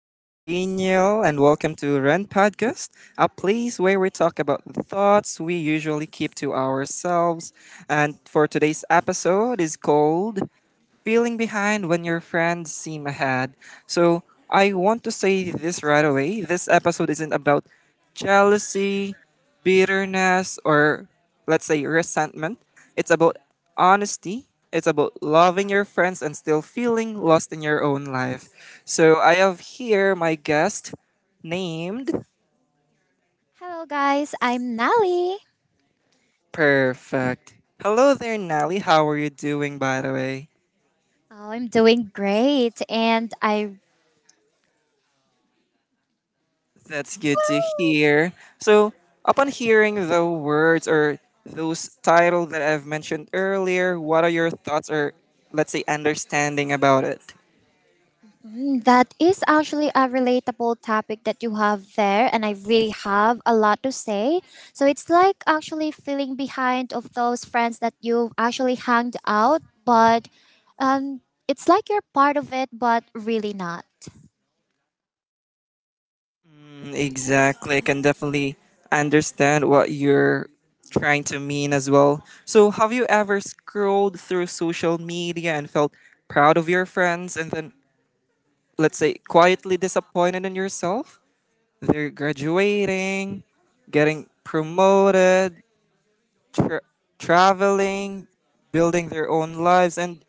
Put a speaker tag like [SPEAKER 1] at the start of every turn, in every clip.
[SPEAKER 1] I'm Rainiel and welcome to Run Podcast, a place where we talk about the thoughts we usually keep to ourselves. And for today's episode is called Feeling Behind When Your Friends Seem Ahead. So I want to say this right away. This episode isn't about jealousy, bitterness or let's say resentment. It's about honesty. It's about loving your friends and still feeling lost in your own life. So I have here my guest named
[SPEAKER 2] Hello, guys. I'm Nali.
[SPEAKER 1] Perfect. Hello there, Nelly. How are you doing, by the way?
[SPEAKER 2] Oh, I'm doing great. And I.
[SPEAKER 1] That's good to hear. So, upon hearing the words or those titles that I've mentioned earlier, what are your thoughts or let's say understanding about it?
[SPEAKER 2] That is actually a relatable topic that you have there, and I really have a lot to say. So it's like actually feeling behind of those friends that you actually hanged out, but um, it's like you're part of it, but really not.
[SPEAKER 1] Mm, exactly. I can definitely understand what you're trying to mean as well. So, have you ever scrolled through social media and felt proud of your friends and then, let's say, quietly disappointed in yourself? They're graduating, getting promoted, tra- traveling, building their own lives, and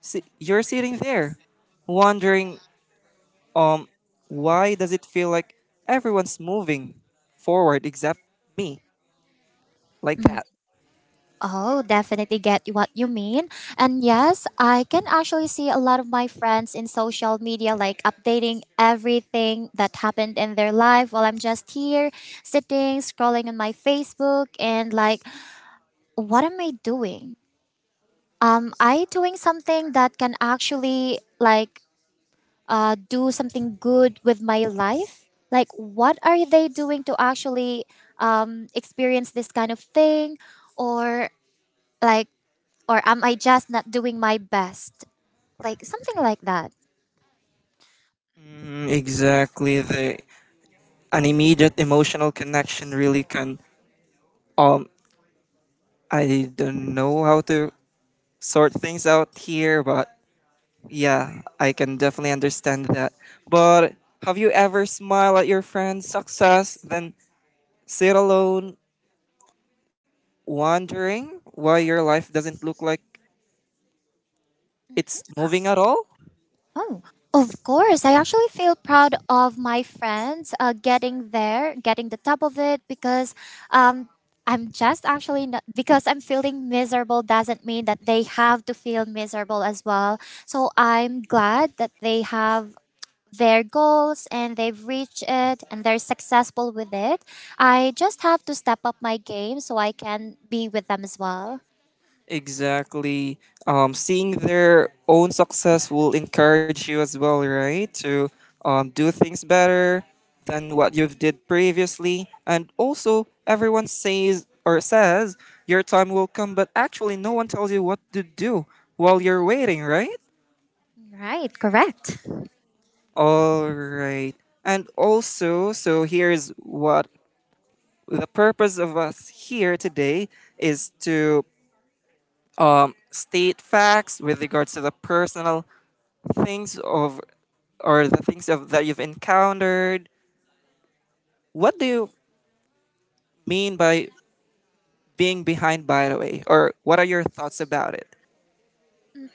[SPEAKER 1] you're sitting there wondering, Um, why does it feel like everyone's moving forward except me? Like that.
[SPEAKER 2] Oh, definitely get what you mean. And yes, I can actually see a lot of my friends in social media like updating everything that happened in their life while I'm just here sitting scrolling on my Facebook and like what am I doing? I doing something that can actually like do something good with my life? Like what are they doing to actually experience this kind of thing or like, or am I just not doing my best? Like, something like that.
[SPEAKER 1] Mm, exactly. The an immediate emotional connection really can. Um, I don't know how to sort things out here, but yeah, I can definitely understand that. But have you ever smiled at your friend's success, then sit alone, wondering why your life doesn't look like it's moving at all?
[SPEAKER 2] Oh, of course. I actually feel proud of my friends getting there, getting the top of it, because um, I'm just actually not, because I'm feeling miserable doesn't mean that they have to feel miserable as well. So I'm glad that they have their goals and they've reached it and they're successful with it. I just have to step up my game so I can be with them as well.
[SPEAKER 1] Exactly. Seeing their own success will encourage you as well, right? To do things better than what you've did previously. And also, everyone says or says your time will come, but actually, no one tells you what to do while you're waiting, right?
[SPEAKER 2] Right, correct.
[SPEAKER 1] All right. And also, so here's what the purpose of us here today is to state facts with regards to the personal things of or the things of that you've encountered. What do you mean by being behind by the way? Or what are your thoughts about it?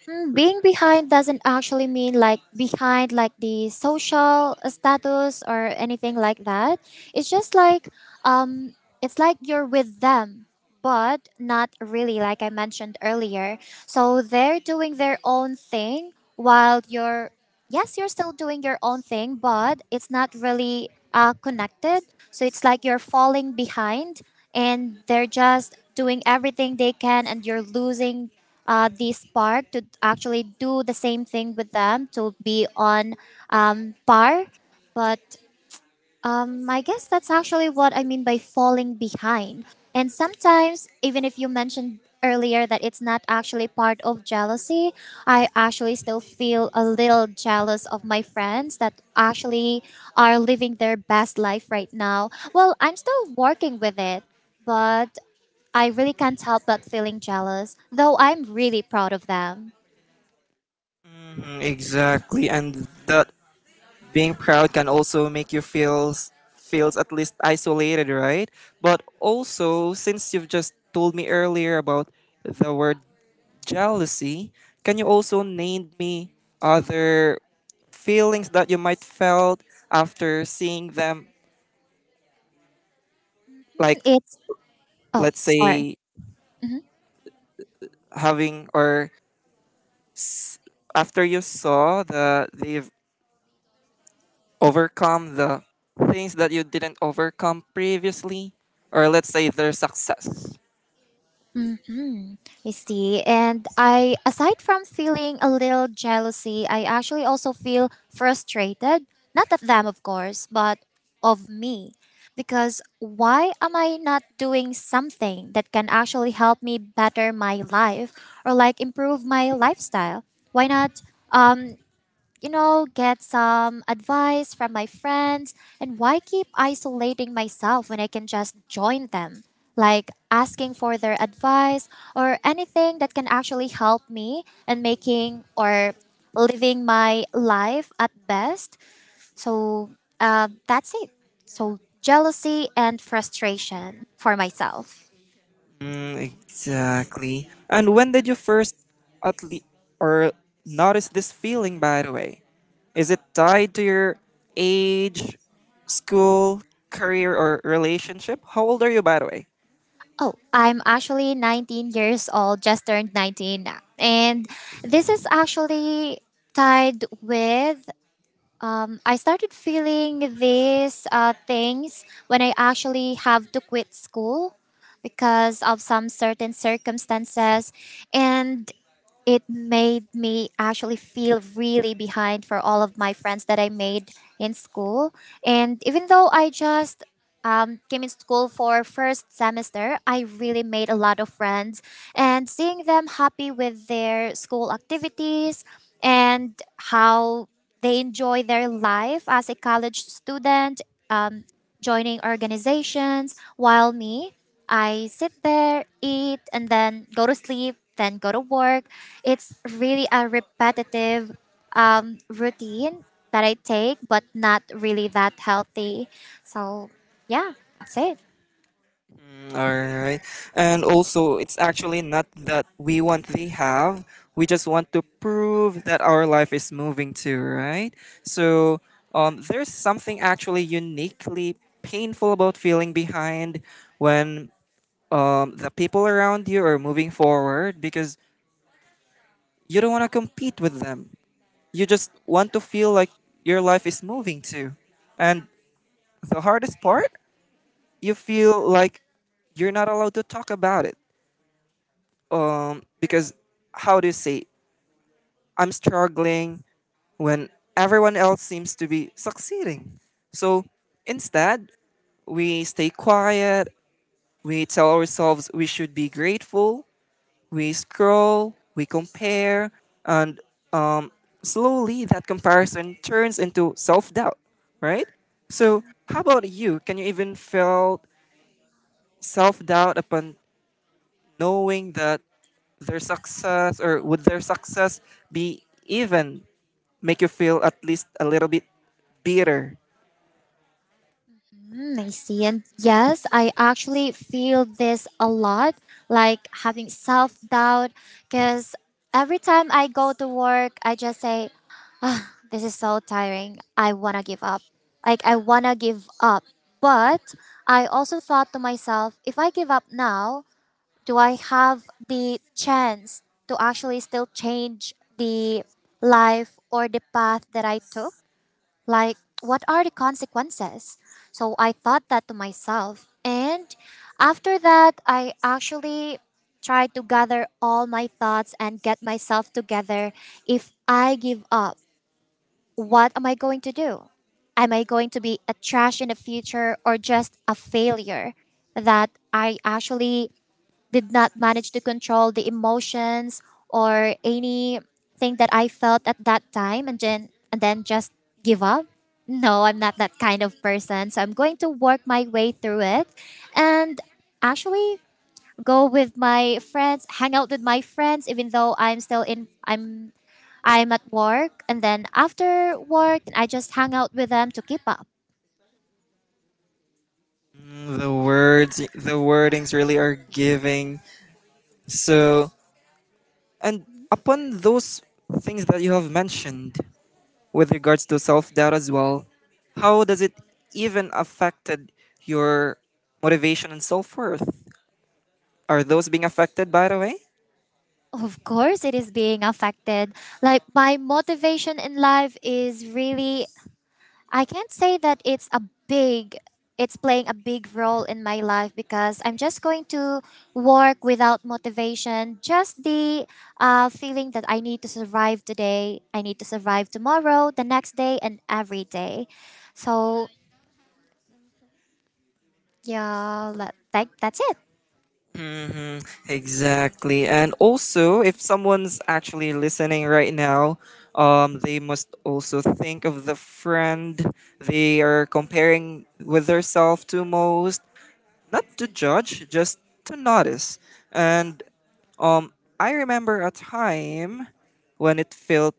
[SPEAKER 2] Being behind doesn't actually mean like behind like the social status or anything like that. It's just like um it's like you're with them but not really like I mentioned earlier. So they're doing their own thing while you're yes, you're still doing your own thing but it's not really connected. So it's like you're falling behind and they're just doing everything they can and you're losing this park to actually do the same thing with them to be on par. But I guess that's actually what I mean by falling behind. And sometimes, even if you mentioned earlier that it's not actually part of jealousy, I actually still feel a little jealous of my friends that actually are living their best life right now. Well, I'm still working with it, but I really can't help but feeling jealous, though I'm really proud of them.
[SPEAKER 1] Mm, exactly. And that being proud can also make you feels at least isolated, right? But also since you've just told me earlier about the word jealousy, can you also name me other feelings that you might felt after seeing them,
[SPEAKER 2] Hmm,
[SPEAKER 1] like,
[SPEAKER 2] It's, oh,
[SPEAKER 1] let's
[SPEAKER 2] sorry.
[SPEAKER 1] say,
[SPEAKER 2] Mm-hmm.
[SPEAKER 1] having or after you saw that they've overcome the things that you didn't overcome previously, or let's say their success.
[SPEAKER 2] Misty. And I, aside from feeling a little jealousy, I actually also feel frustrated. Not at them, of course, but of me. Because why am I not doing something that can actually help me better my life or like improve my lifestyle? Why not? Um, you know, get some advice from my friends. And why keep isolating myself when I can just join them? Like asking for their advice or anything that can actually help me and making or living my life at best. So that's it. So jealousy and frustration for myself.
[SPEAKER 1] Mm, exactly. And when did you first, at least, or notice this feeling, by the way? Is it tied to your age, school, career or relationship? How old are you, by the way?
[SPEAKER 2] Oh, I'm actually 19 years old, just turned 19 now. And this is actually tied with I started feeling these things when I actually have to quit school because of some certain circumstances. And it made me actually feel really behind for all of my friends that I made in school. And even though I just came in school for first semester, I really made a lot of friends, and seeing them happy with their school activities and how they enjoy their life as a college student. Um, Joining organizations, while me, I sit there, eat, and then go to sleep, then go to work. It's really a repetitive routine that I take, but not really that healthy. So, yeah, that's it.
[SPEAKER 1] All right. And also, it's actually not that we want they have. We just want to prove that our life is moving too, right? So there's something actually uniquely painful about feeling behind when the people around you are moving forward, because you don't want to compete with them. You just want to feel like your life is moving too. And the hardest part, you feel like you're not allowed to talk about it, because how do you say I'm struggling when everyone else seems to be succeeding? So instead, we stay quiet, we tell ourselves we should be grateful, we scroll, we compare, and slowly that comparison turns into self-doubt, right? So how about you? Can you even feel self-doubt upon knowing that their success, or would their success be even make you feel at least a little bit bitter?
[SPEAKER 2] I see. And yes, I actually feel this a lot, like having self doubt, because every time I go to work, I just say, this is so tiring. I wanna give up. Like, I wanna give up. But I also thought to myself, if I give up now, do I have the chance to actually still change the life or the path that I took? Like, what are the consequences? So I thought that to myself. And after that, I actually tried to gather all my thoughts and get myself together. If I give up, what am I going to do? Am I going to be a trash in the future or just a failure that I actually did not manage to control the emotions or anything that I felt at that time and then just give up? No, I'm not that kind of person. So I'm going to work my way through it and actually go with my friends, hang out with my friends even though I'm still in I'm at work, and then after work, I just hang out with them to keep up.
[SPEAKER 1] Mm, the words, the wordings really are giving. So, and upon those things that you have mentioned with regards to self doubt as well, how does it even affected your motivation and self worth? Are those being affected by the way?
[SPEAKER 2] Of course, it is being affected. Like, my motivation in life is really, I can't say that it's a big, it's playing a big role in my life because I'm just going to work without motivation. Just the feeling that I need to survive today, I need to survive tomorrow, the next day, and every day. So, yeah, that's it.
[SPEAKER 1] Mm-hmm, exactly. And also, if someone's actually listening right now, they must also think of the friend they are comparing with themselves to most, not to judge, just to notice. And um, I remember a time when it felt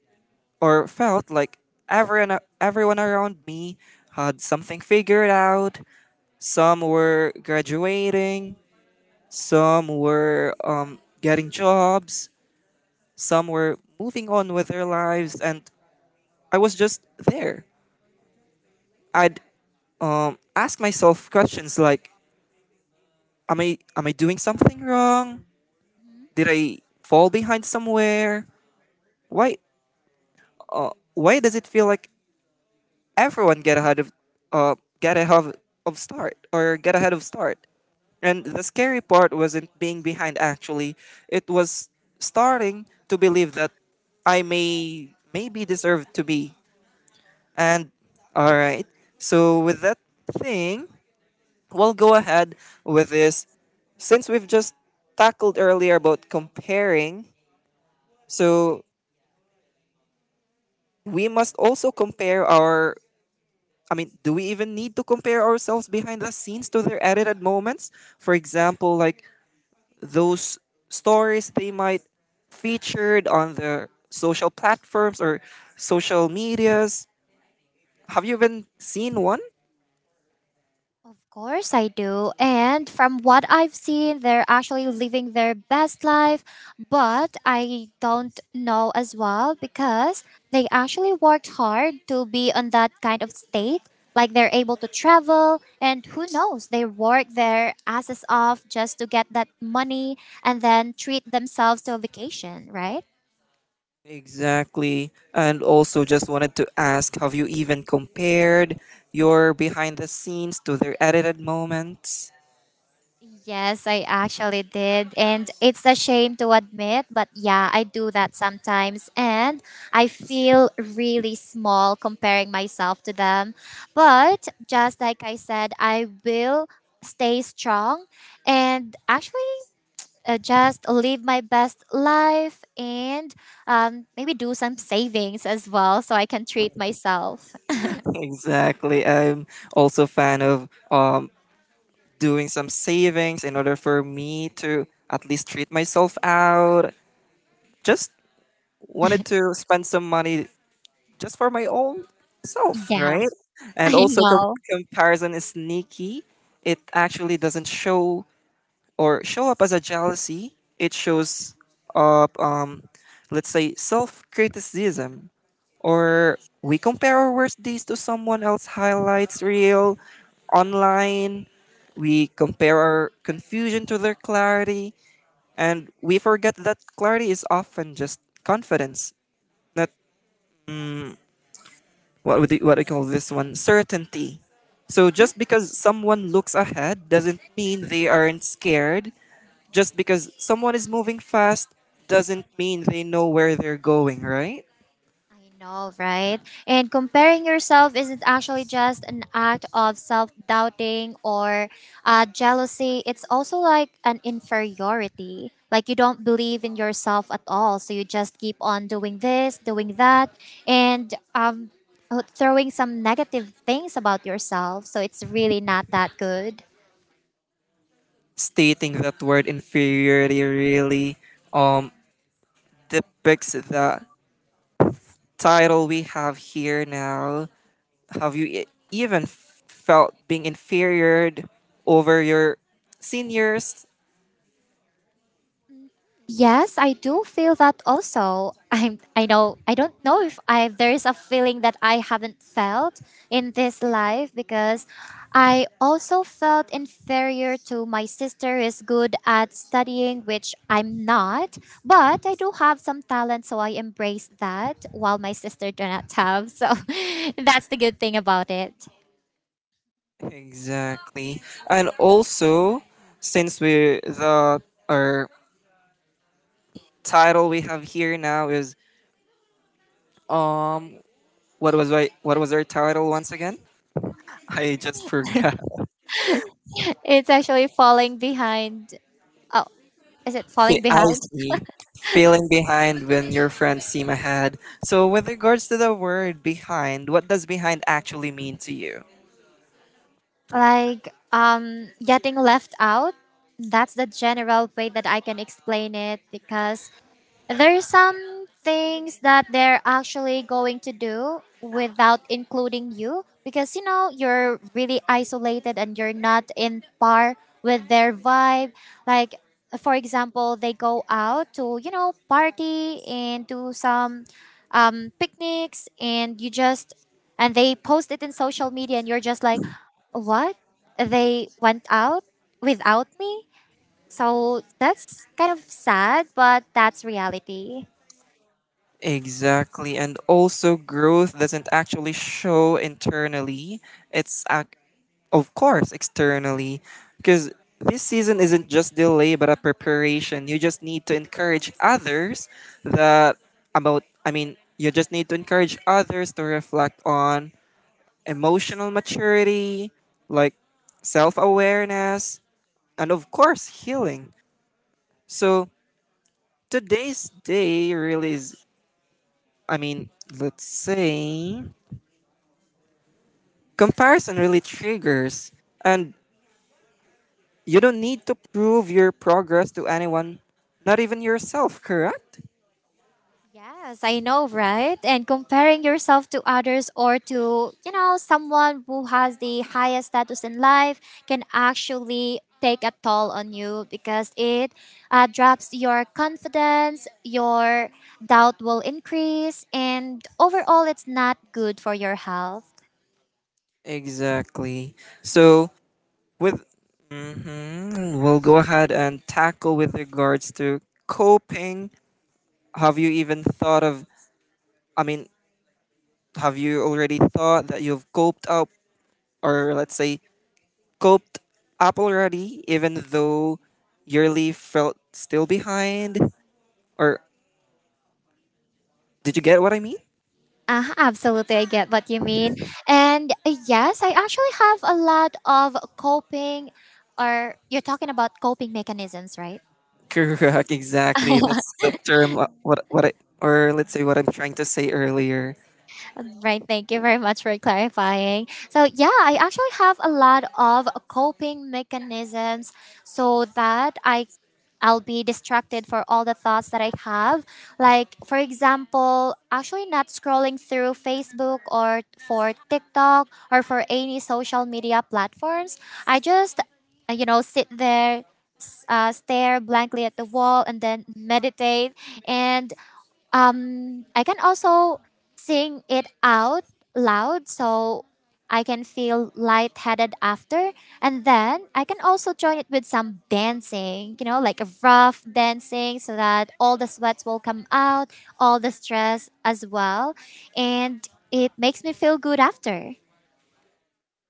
[SPEAKER 1] or felt like everyone around me had something figured out. Some were graduating, some were getting jobs, some were moving on with their lives, and I was just there. I'd ask myself questions like, "Am I doing something wrong?
[SPEAKER 2] Mm-hmm.
[SPEAKER 1] Did I fall behind somewhere? Why why does it feel like everyone uh, get ahead of start or get ahead of start?" And the scary part wasn't being behind actually. It was starting to believe that I maybe deserve to be. And all right. So with that thing, we'll go ahead with this since we've just tackled earlier about comparing. So we must also compare our, I mean, do we even need to compare ourselves behind the scenes to their edited moments? For example, like those stories they might featured on the social platforms or social medias. Have you even seen one?
[SPEAKER 2] Of course I do. And from what I've seen, they're actually living their best life. But I don't know as well because they actually worked hard to be on that kind of state. Like they're able to travel, and who knows, they work their asses off just to get that money and then treat themselves to a vacation, right?
[SPEAKER 1] Exactly. And also just wanted to ask, have you even compared your behind the scenes to their edited moments?
[SPEAKER 2] Yes, I actually did. And it's a shame to admit, but yeah, I do that sometimes. And I feel really small comparing myself to them. But just like I said, I will stay strong and actually just live my best life and maybe do some savings as well so I can treat myself.
[SPEAKER 1] Exactly. I'm also a fan of doing some savings in order for me to at least treat myself out. Just wanted to spend some money just for my own self,
[SPEAKER 2] Yeah,
[SPEAKER 1] right? And
[SPEAKER 2] I
[SPEAKER 1] also,
[SPEAKER 2] know.
[SPEAKER 1] comparison is sneaky. It actually doesn't show or show up as a jealousy. It shows up, let's say, self criticism. Or we compare our worst days to someone else's highlights reel online. We compare our confusion to their clarity. And we forget that clarity is often just confidence, not what would you, what do you call this one, certainty. So just because someone looks ahead doesn't mean they aren't scared. Just because someone is moving fast doesn't mean they know where they're going, right?
[SPEAKER 2] I know, right? And comparing yourself isn't actually just an act of self doubting or jealousy. It's also like an inferiority. Like you don't believe in yourself at all. So you just keep on doing this, doing that, and throwing some negative things about yourself. So it's really not that good.
[SPEAKER 1] Stating that word inferiority really um depicts the title we have here now. Have you even felt being inferior over your seniors?
[SPEAKER 2] Yes, I do feel that also. I'm I know I don't know if I there's a feeling that I haven't felt in this life because I also felt inferior to my sister who is good at studying which I'm not, but I do have some talent so I embrace that while my sister do not have. So that's the good thing about it.
[SPEAKER 1] Exactly. And also, since we the our title we have here now is um what was I, what was our title once again? I just forgot.
[SPEAKER 2] It's actually falling behind. Oh, is it falling
[SPEAKER 1] I
[SPEAKER 2] behind?
[SPEAKER 1] see. Feeling behind when your friends seem ahead. So with regards to the word behind, what does behind actually mean to you?
[SPEAKER 2] Like getting left out, that's the general way that I can explain it, because there's some things that they're actually going to do without including you because you know you're really isolated and you're not in par with their vibe. Like for example, they go out to you know party and do some picnics, and you just and they post it in social media, and you're just like, what? They went out without me? So that's kind of sad, but that's reality.
[SPEAKER 1] Exactly. And also growth doesn't actually show internally. It's of course, externally, because this season isn't just delay but a preparation. You just need to encourage others that about, I mean, you just need to encourage others to reflect on emotional maturity, like self-awareness, and of course, healing. So, today's day really is, I mean, let's say comparison really triggers. And you don't need to prove your progress to anyone, not even yourself, correct?
[SPEAKER 2] Yes, I know, right? And comparing yourself to others or to, you know, someone who has the highest status in life can actually take a toll on you because it drops your confidence, your doubt will increase, and overall, it's not good for your health.
[SPEAKER 1] Exactly. So with hmm we'll go ahead and tackle with regards to coping. Have you even thought of? I mean, have you already thought that you've coped up, or let's say coped up already, even though your leaf felt still behind? Or did you get what I mean?
[SPEAKER 2] Absolutely, I get what you mean. And yes, I actually have a lot of coping, or you're talking about coping mechanisms, right?
[SPEAKER 1] Correct, exactly. That's the term. What I or let's say what I'm trying to say earlier.
[SPEAKER 2] Right. Thank you very much for clarifying. So, yeah, I actually have a lot of coping mechanisms so that I'll be distracted for all the thoughts that I have. Like, for example, actually not scrolling through Facebook or for TikTok or for any social media platforms. I just, you know, sit there, stare blankly at the wall and then meditate. And I can also sing it out loud so I can feel lightheaded after, and then I can also join it with some dancing, you know, like a rough dancing, so that all the sweats will come out, all the stress as well, and it makes me feel good after.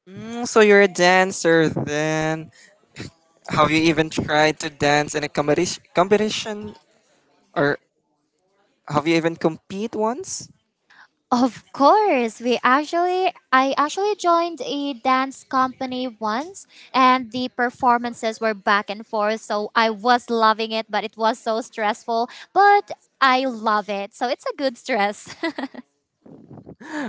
[SPEAKER 1] Mm, so you're a dancer then? Have you even tried to dance in a competition, or have you even compete once?
[SPEAKER 2] Of course, we actually I actually joined a dance company once, and the performances were back and forth so I was loving it but it was so stressful, but I love it. So it's a good stress.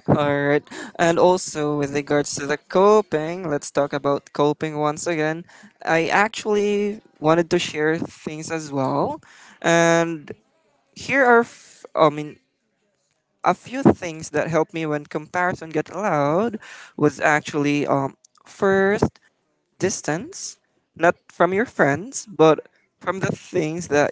[SPEAKER 1] All right. And also, with regards to the coping, let's talk about coping once again. I actually wanted to share things as well. And here are, I mean, a few things that helped me when comparison get loud was actually first, distance, not from your friends, but from the things that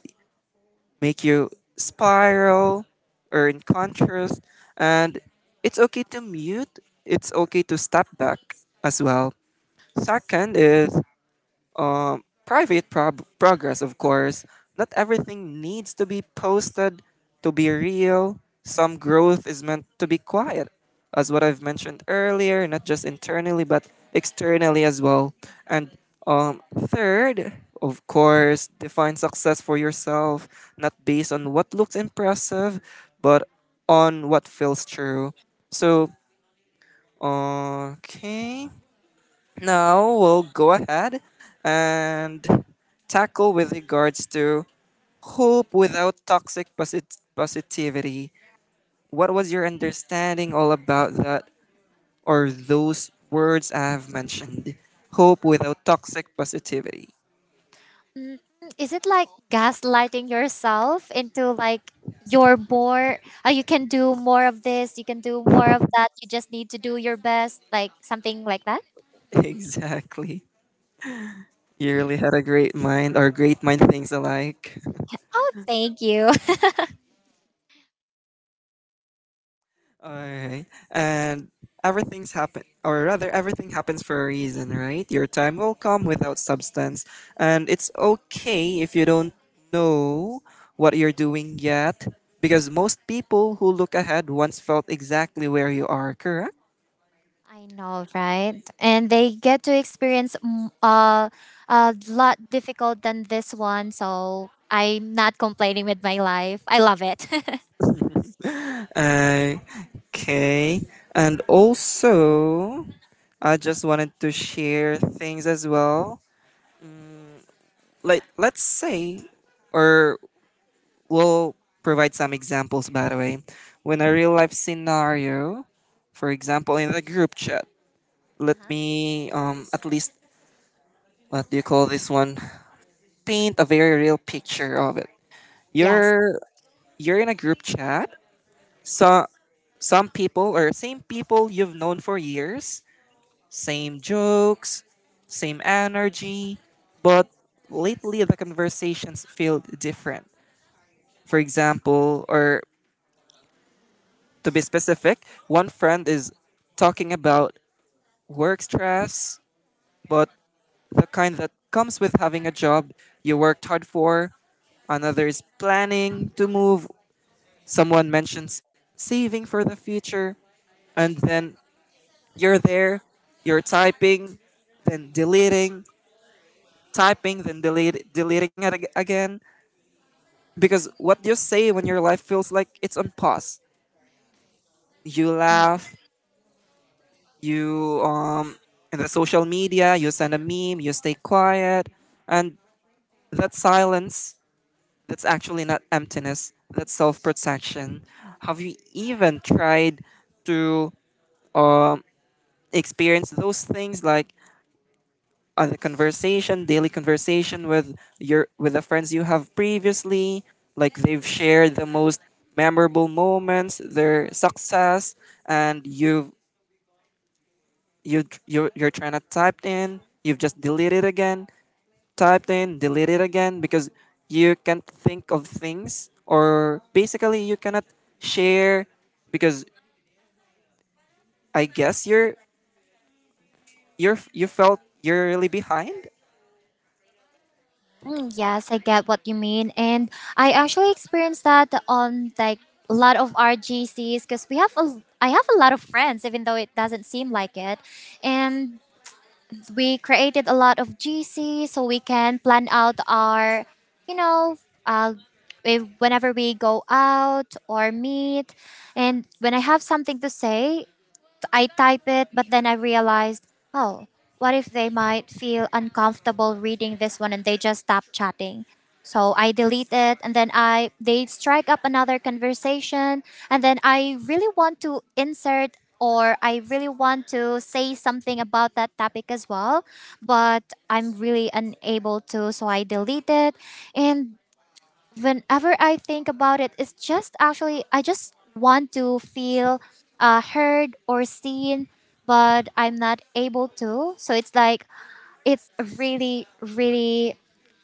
[SPEAKER 1] make you spiral or in contrast. And it's okay to mute, it's okay to step back as well. Second is private prob progress, of course. Not everything needs to be posted to be real. Some growth is meant to be quiet, as what I've mentioned earlier, not just internally, but externally as well. And third, of course, define success for yourself, not based on what looks impressive, but on what feels true. So, okay. Now we'll go ahead and tackle with regards to hope without toxic positivity. What was your understanding all about that or those words I have mentioned? Hope without toxic positivity.
[SPEAKER 2] Is it like gaslighting yourself into like you're more you can do more of this, you can do more of that, you just need to do your best like something like that?
[SPEAKER 1] Exactly. You really had a great mind or great mind things alike.
[SPEAKER 2] Oh, thank you.
[SPEAKER 1] Alright. And everything's happen or rather everything happens for a reason, right? Your time will come without substance. And it's okay if you don't know what you're doing yet. Because most people who look ahead once felt exactly where you are, correct?
[SPEAKER 2] I know, right? And they get to experience a lot difficult than this one. So I'm not complaining with my life. I love it. uh
[SPEAKER 1] Uh, okay. And also, I just wanted to share things as well. Like, let's say, or we'll provide some examples by the way when a real life scenario, for example, in the group chat, let
[SPEAKER 2] Uh-huh.
[SPEAKER 1] me at least what do you call this one, paint a very real picture of it.
[SPEAKER 2] Yes.
[SPEAKER 1] you're you're in a group chat, so some people or same people you've known for years, same jokes, same energy, but lately the conversations feel different. For example, or to be specific, one friend is talking about work stress, but the kind that comes with having a job you worked hard for. Another is planning to move. Someone mentions saving for the future. And then you're there, you're typing, then deleting, typing, then delete, deleting it again. Because what you say when your life feels like it's on pause? You laugh, you in the social media, you send a meme, you stay quiet, and that silence, that's actually not emptiness, that's self-protection. Have you even tried to um experience those things, like on the conversation daily conversation with your with the friends you have previously, like they've shared the most memorable moments, their success, and you're trying to type in, you've just deleted again, typed in, deleted again, because you can't think of things, or basically you cannot share, because I guess you're you felt you're really behind.
[SPEAKER 2] Mhm. Yes, I get what you mean. And I actually experienced that on like a lot of RGCs because we have a I have a lot of friends, even though it doesn't seem like it. And we created a lot of GC so we can plan out our, you know, uh, if, whenever we go out or meet. And when I have something to say, I type it, but then I realized, oh, what if they might feel uncomfortable reading this one and they just stop chatting? So I delete it, and then I they strike up another conversation, and then I really want to insert, or I really want to say something about that topic as well, but I'm really unable to, so I delete it. And whenever I think about it, it's just actually I just want to feel heard or seen, but I'm not able to. So it's like it's really, really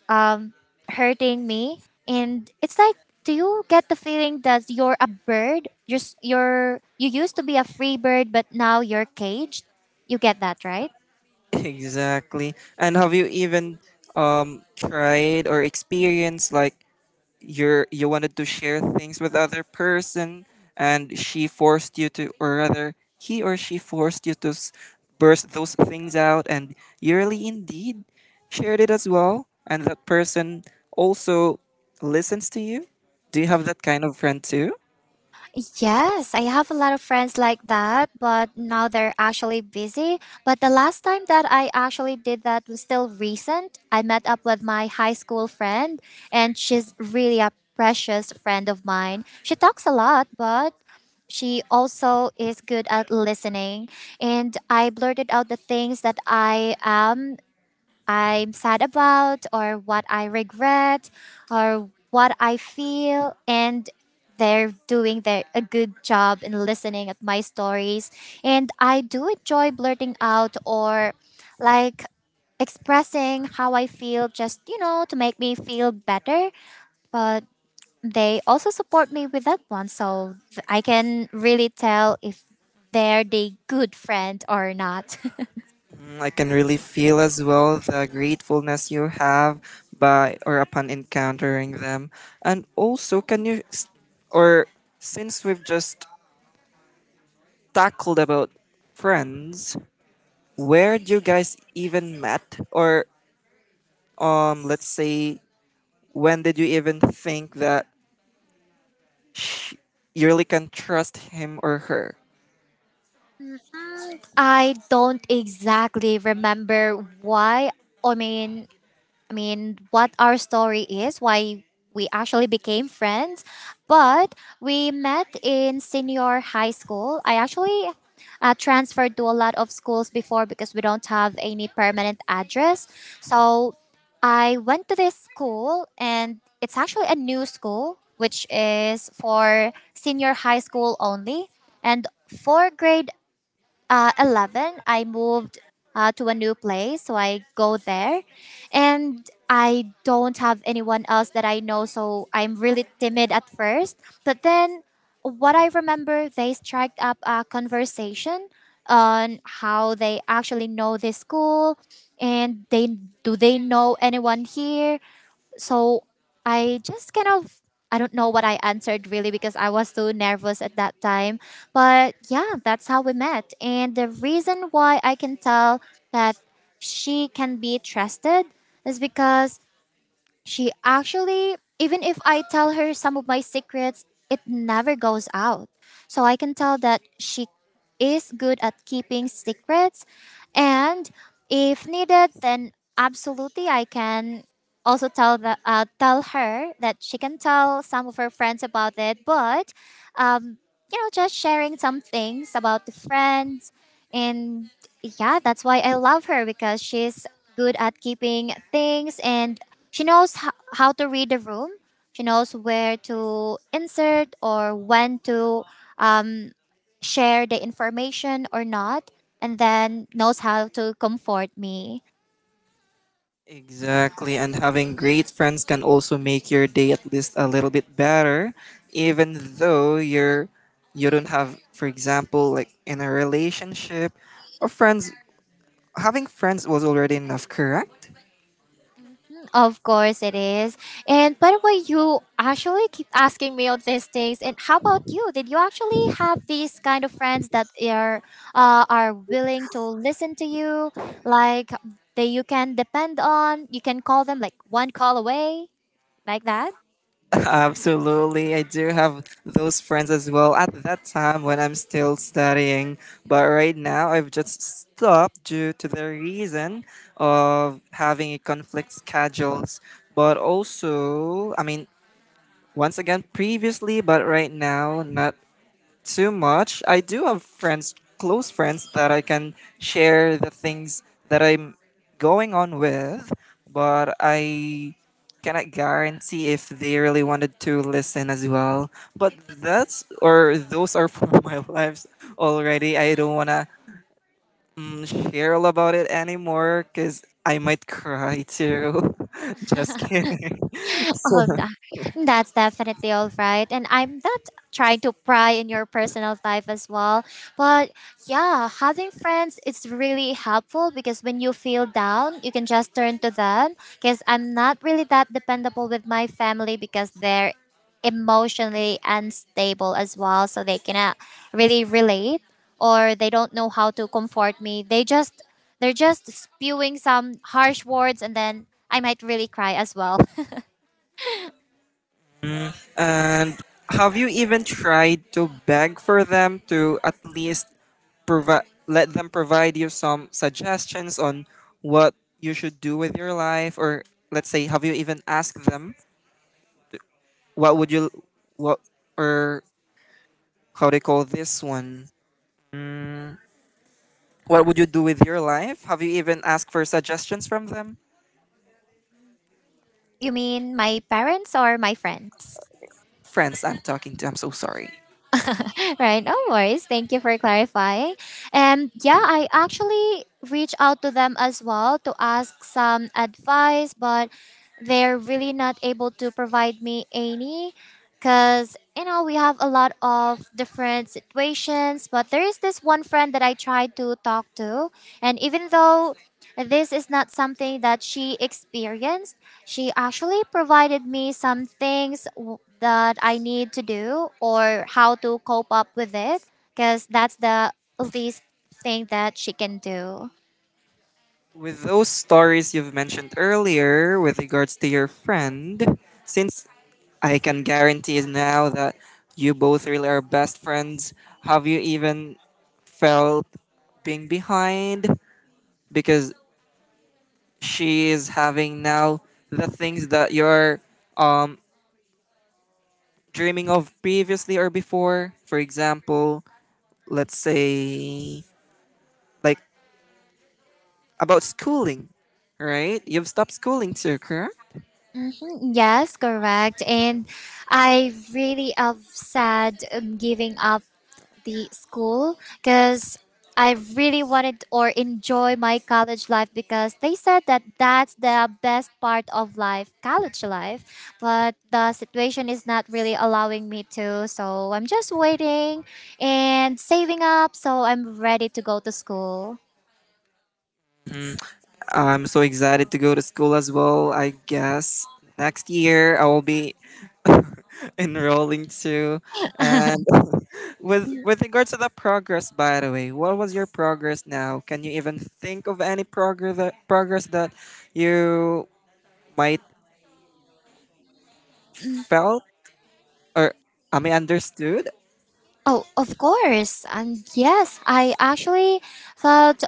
[SPEAKER 2] um, hurting me, and it's like. Do you get the feeling that you're a bird? Just you're you used to be a free bird, but now you're caged. You get that, right?
[SPEAKER 1] Exactly. And have you even tried or experienced like you're you wanted to share things with other person, and she forced you to, or rather he or she forced you to burst those things out, and you really indeed shared it as well, and that person also listens to you. Do you have that kind of friend too?
[SPEAKER 2] Yes, I have a lot of friends like that, but now they're actually busy. But the last time that I actually did that was still recent. I met up with my high school friend, and she's really a precious friend of mine. She talks a lot, but she also is good at listening. And I blurted out the things that I'm sad about, or what I regret, or what I feel, and they're doing their a good job in listening at my stories. And I do enjoy blurting out, or like expressing how I feel just, you know, to make me feel better. But they also support me with that one, so I can really tell if they're the good friend or not.
[SPEAKER 1] Mm, I can really feel as well the gratefulness you have by or upon encountering them. And also, can you s- or since we've just tackled about friends, where do you guys even met? Or let's say, when did you even think that sh you really can trust him or her?
[SPEAKER 2] I don't exactly remember why. I mean, I mean, what our story is, why we actually became friends, but we met in senior high school. I actually transferred to a lot of schools before because we don't have any permanent address. So I went to this school, and it's actually a new school, which is for senior high school only. And for grade 11, I moved to a new place, so I go there, and I don't have anyone else that I know, so I'm really timid at first. But then, what I remember, they struck up a conversation on how they actually know this school, and they, do they know anyone here? So I just kind of, I don't know what I answered really because I was too nervous at that time. But yeah, that's how we met. And the reason why I can tell that she can be trusted is because she actually, even if I tell her some of my secrets, it never goes out. So I can tell that she is good at keeping secrets. And if needed, then absolutely I can also tell tell her that she can tell some of her friends about it. But, um, you know, just sharing some things about the friends. And yeah, that's why I love her, because she's good at keeping things, and she knows how to read the room. She knows where to insert or when to share the information or not, and then knows how to comfort me.
[SPEAKER 1] Exactly, and having great friends can also make your day at least a little bit better, even though you don't have, for example, like in a relationship or friends. Having friends was already enough, correct?
[SPEAKER 2] Of course it is. And by the way, you actually keep asking me all these things. And how about you? Did you actually have these kind of friends that are willing to listen to you, like that you can depend on? You can call them like one call away, like that.
[SPEAKER 1] Absolutely. I do have those friends as well at that time when I'm still studying. But right now, I've just stopped due to the reason of having a conflict schedules. But also, I mean, once again, previously, but right now, not too much. I do have friends, close friends, that I can share the things that I'm going on with, but I cannot guarantee if they really wanted to listen as well. But that's or those are for my lives already. I don't wanna mm, share all about it anymore because I might cry too. Just kidding. So,
[SPEAKER 2] Oh, that's definitely all right. And I'm not trying to pry in your personal life as well. But yeah, having friends is really helpful because when you feel down, you can just turn to them. Because I'm not really that dependable with my family, because they're emotionally unstable as well. So they cannot really relate, or they don't know how to comfort me. They just they're just spewing some harsh words, and then I might really cry as well.
[SPEAKER 1] and have you even tried to beg for them to at least let them provide you some suggestions on what you should do with your life? Or let's say, have you even asked them, what would you what or how they call this one, what would you do with your life? Have you even asked for suggestions from them?
[SPEAKER 2] You mean my parents or my friends?
[SPEAKER 1] Friends, I'm talking to. I'm so sorry.
[SPEAKER 2] Right, no worries. Thank you for clarifying. And yeah, I actually reached out to them as well to ask some advice, but they're really not able to provide me any. Because you know, we have a lot of different situations, but there is this one friend that I tried to talk to, and even though this is not something that she experienced, she actually provided me some things that I need to do, or how to cope up with it, because that's the least thing that she can do.
[SPEAKER 1] With those stories you've mentioned earlier with regards to your friend, since I can guarantee now that you both really are best friends. Have you even felt being behind? Because she is having now the things that you're um, dreaming of previously or before. For example, let's say, like about schooling, right? You've stopped schooling too, correct?
[SPEAKER 2] Mhm, yes, correct. And I really upset giving up the school because I really wanted or enjoy my college life, because they said that that's the best part of life, college life. But the situation is not really allowing me to, so I'm just waiting and saving up, so I'm ready to go to school.
[SPEAKER 1] I'm so excited to go to school as well. I guess next year I will be enrolling too. And with regards to the progress, by the way, what was your progress now? Can you even think of any progress that you might felt or I mean understood?
[SPEAKER 2] Oh, of course. And yes, I actually thought,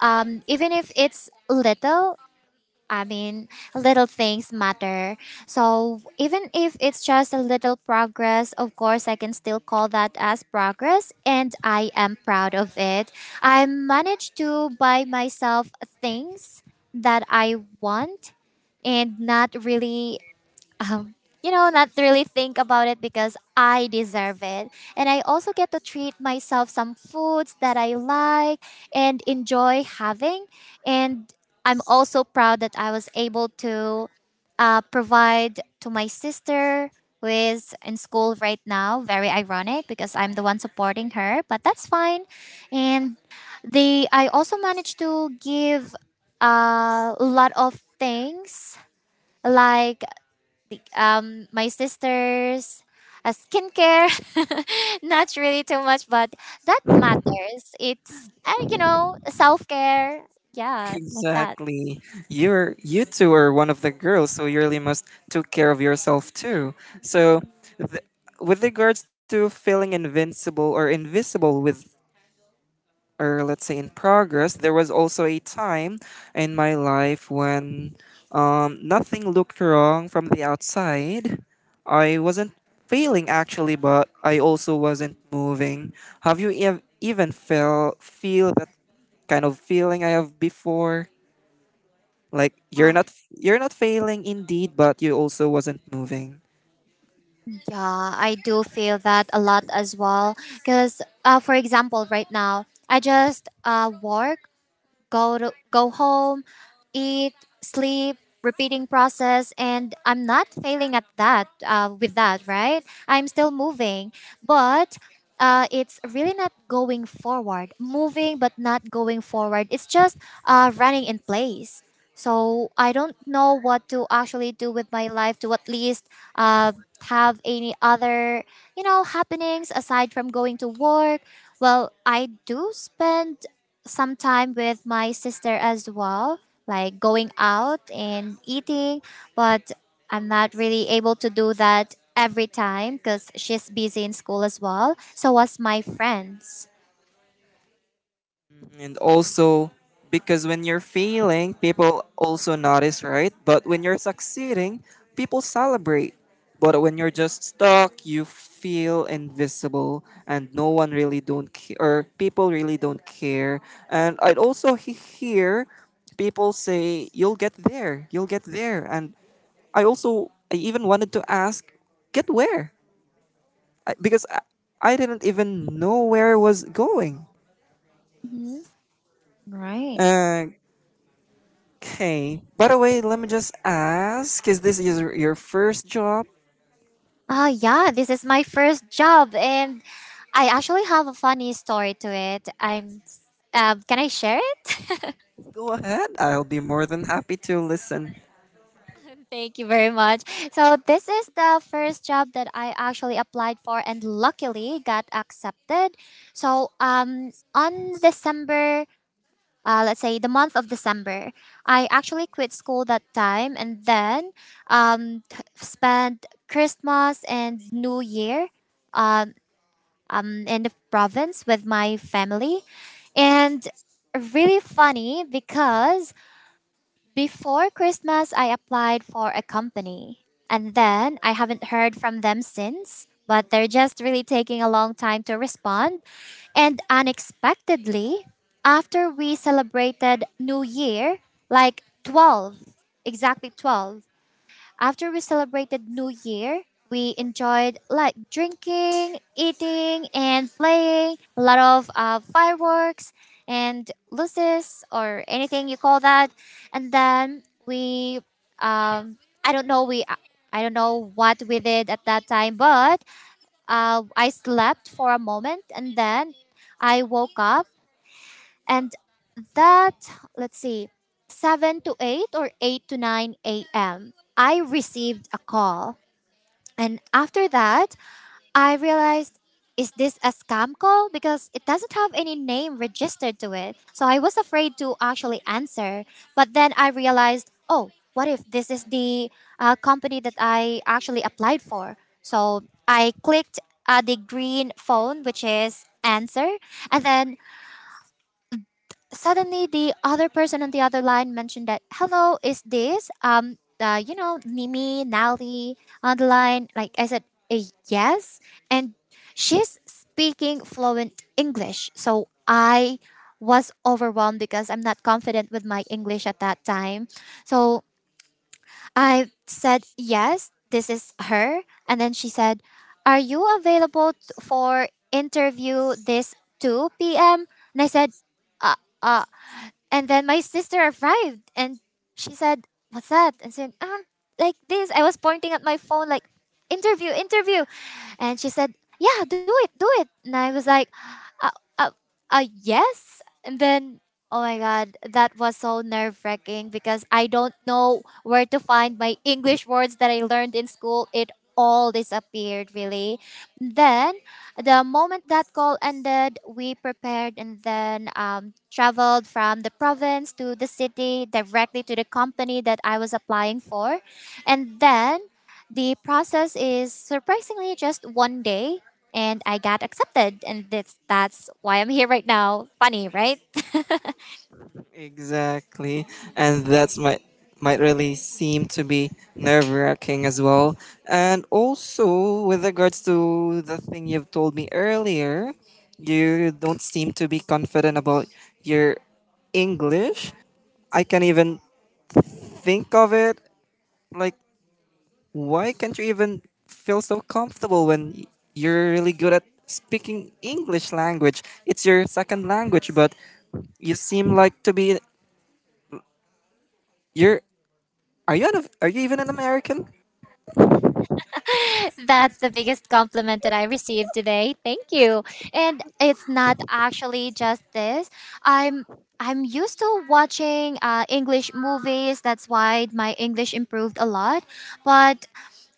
[SPEAKER 2] even if it's little, I mean, little things matter. So even if it's just a little progress, of course, I can still call that as progress. And I am proud of it. I managed to buy myself things that I want, and not really, um, you know, not really think about it, because I deserve it. And I also get to treat myself some foods that I like and enjoy having. And I'm also proud that I was able to provide to my sister, who is in school right now. Very ironic because I'm the one supporting her, but that's fine. And I also managed to give a lot of things, like my sisters a skincare. Not really too much, but that matters. It's you know, self-care. Yeah, like that.
[SPEAKER 1] Exactly. You two are one of the girls, so you really must take care of yourself too. So with regards to feeling invincible or invisible with, or let's say, in progress, there was also a time in my life when nothing looked wrong from the outside. I wasn't failing actually, but I also wasn't moving. Have you ev- even felt feel that kind of feeling I have before? Like
[SPEAKER 2] Ah,
[SPEAKER 1] you're not failing indeed, but you also wasn't moving.
[SPEAKER 2] yeah, I do feel that a lot as well, because for example, right now I just work, go to go home, eat, sleep, repeating process, and I'm not failing at that with that, right? I'm still moving, but it's really not going forward. Moving but not going forward. It's just running in place. So I don't know what to actually do with my life to at least uh, have any other, you know, happenings aside from going to work. Well, I do spend some time with my sister as well, like going out and eating, but I'm not really able to do that every time because she's busy in school as well. So was my friends.
[SPEAKER 1] And also, because when you're failing, people also notice, right? But when you're succeeding, people celebrate. But when you're just stuck, you feel invisible and no one really don't care, or people really don't care. And I'd also hear people say, you'll get there, you'll get there. And I even wanted to ask, get where? I, because I, I didn't even know where I was going.
[SPEAKER 2] Mhm. Right.
[SPEAKER 1] Okay. By the way, let me just ask, is this your first job?
[SPEAKER 2] Ah, yeah, this is my first job, and I actually have a funny story to it. I'm. Can I share it?
[SPEAKER 1] Go ahead. I'll be more than happy to listen.
[SPEAKER 2] Thank you very much. So this is the first job that I actually applied for and luckily got accepted. So on December, let's say the month of December, I actually quit school that time, and then spent Christmas and New Year um, in the province with my family. And really funny because before Christmas, I applied for a company. And then I haven't heard from them since, but they're just really taking a long time to respond. And unexpectedly, after we celebrated New Year, like 12, exactly 12, after we celebrated New Year, we enjoyed like drinking, eating, and playing a lot of fireworks and luces or anything you call that. And then we, um, I don't know, we, I don't know what we did at that time, but I slept for a moment, and then I woke up. And that, let's see, 7 to 8 or 8 to 9 a.m., I received a call. And after that, I realized, is this a scam call? Because it doesn't have any name registered to it. So I was afraid to actually answer. But then I realized, oh, what if this is the company that I actually applied for? So I clicked the green phone, which is answer. And then suddenly the other person on the other line mentioned that, hello, is this you know, Nimi Nali on the line? Like, I said, "Eh, yes." And she's speaking fluent English, so I was overwhelmed because I'm not confident with my English at that time. So I said, yes, this is her. And then she said, are you available for interview this 2 p.m? And I said, uh, uh, and then my sister arrived and she said, what's that? And said, like this. I was pointing at my phone like, interview, interview. And she said, yeah, do it, do it. And I was like, uh, uh, uh, yes. And then, oh my god, that was so nerve wracking, because I don't know where to find my English words that I learned in school. It all disappeared really. Then the moment that call ended, we prepared, and then traveled from the province to the city directly to the company that I was applying for. And then the process is surprisingly just one day, and I got accepted, and that's why I'm here right now. Funny, right?
[SPEAKER 1] Exactly. And that's might really seem to be nerve wracking as well. And also with regards to the thing you've told me earlier, you don't seem to be confident about your English. I can even think of it like, why can't you even feel so comfortable when you're really good at speaking English language? It's your second language, but you seem like to be you're are you even an American?
[SPEAKER 2] That's the biggest compliment that I received today. Thank you. And it's not actually just this. I'm I'm used to watching English movies. That's why my English improved a lot. But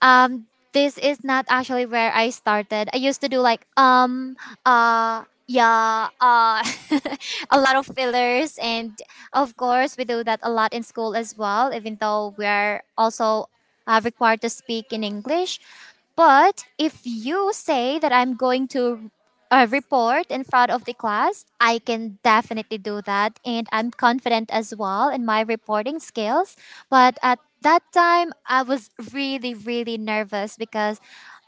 [SPEAKER 2] um this is not actually where I started. I used to do like uh yeah uh a lot of fillers, and of course we do that a lot in school as well, even though we are also required to speak in English. But if you say that I'm going to a report in front of the class, I can definitely do that. And I'm confident as well in my reporting skills. But at that time, I was really, really nervous because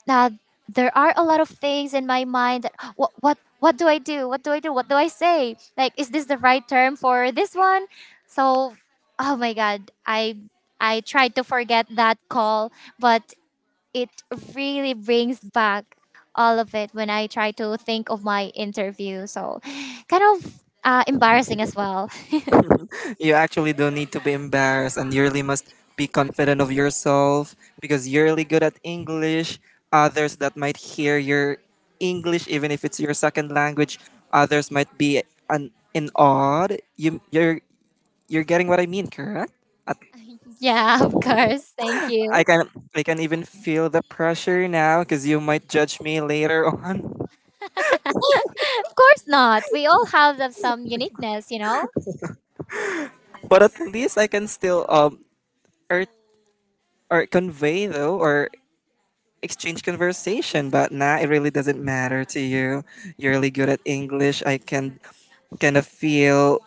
[SPEAKER 2] uh, there are a lot of things in my mind that what do I do? What do I do? What do I say? Like, is this the right term for this one? So, oh my God, I tried to forget that call, but it really brings back all of it when I try to think of my interview. So kind of embarrassing as well.
[SPEAKER 1] You actually don't need to be embarrassed, and you really must be confident of yourself because you're really good at English. Others that might hear your English, even if it's your second language, others might be in awe. You're you're getting what I mean, correct?
[SPEAKER 2] Yeah, of course. Thank
[SPEAKER 1] I
[SPEAKER 2] you.
[SPEAKER 1] can I can even feel the pressure now because you might judge me later on.
[SPEAKER 2] Of course not. We all have the- some uniqueness, you know?
[SPEAKER 1] But at least I can still or or convey though, or exchange conversation. But nah, it really doesn't matter to you. You're really good at English. I can kind of feel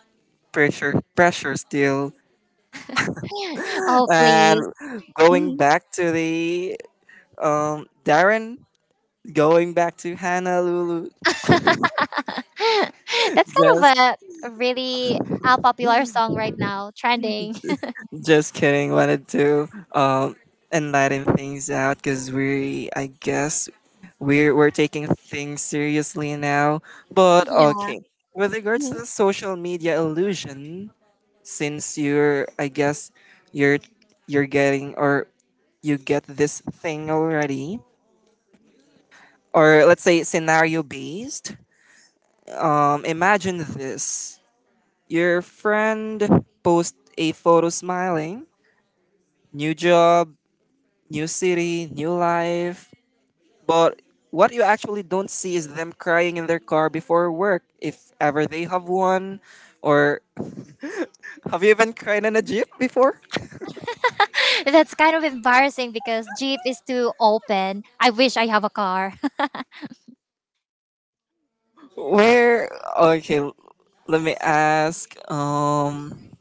[SPEAKER 1] pressure still.
[SPEAKER 2] Oh, please.
[SPEAKER 1] And going
[SPEAKER 2] Mhm.
[SPEAKER 1] back to the Darren, going back to Honolulu,
[SPEAKER 2] That's kind of
[SPEAKER 1] just
[SPEAKER 2] a really popular song right now, trending.
[SPEAKER 1] just kidding. Wanted to um enlighten things out because we, I guess, we're taking things seriously now. But
[SPEAKER 2] Yeah.
[SPEAKER 1] okay, with regards to
[SPEAKER 2] Mhm.
[SPEAKER 1] the social media illusion, since you're, I guess, you're you're getting, or you get this thing already, or let's say scenario based. Imagine this: your friend posts a photo smiling, new job, new city, new life. But what you actually don't see is them crying in their car before work, if ever they have one. Or have you even cried in a jeep before?
[SPEAKER 2] That's kind of embarrassing because Jeep is too open. I wish I have a car.
[SPEAKER 1] Where? Okay, let me ask.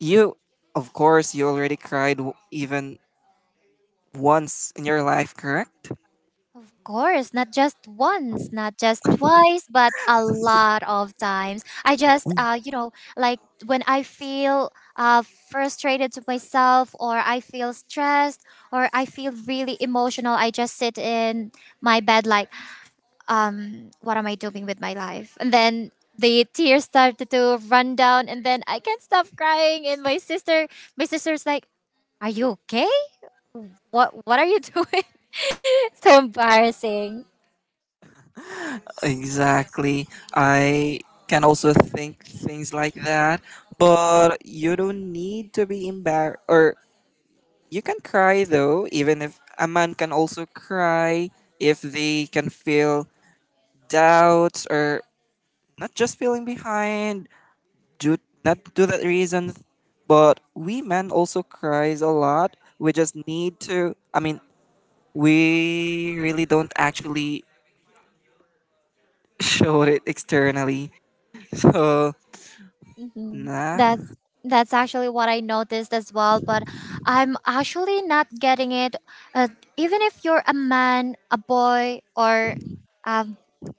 [SPEAKER 1] You, of course, you already cried even once in your life, correct?
[SPEAKER 2] Of course, not just once, not just twice, but a lot of times. I just, you know, like when I feel frustrated to myself, or I feel stressed, or I feel really emotional, I just sit in my bed, like, what am I doing with my life? And then the tears started to run down, and then I can't stop crying. And my sister's like, "Are you okay? What are you doing?" So embarrassing.
[SPEAKER 1] Exactly. I can also think things like that, but you don't need to be embarrassed, or you can cry though, even if a man can also cry if they can feel doubts, or not just feeling behind due not to that reason. But we men also cries a lot. We just need to, I mean, we really don't actually show it externally. So
[SPEAKER 2] Hmm.
[SPEAKER 1] nah.
[SPEAKER 2] That's that's actually what I noticed as well. But I'm actually not getting it. Uh, Even if you're a man, a boy, or a,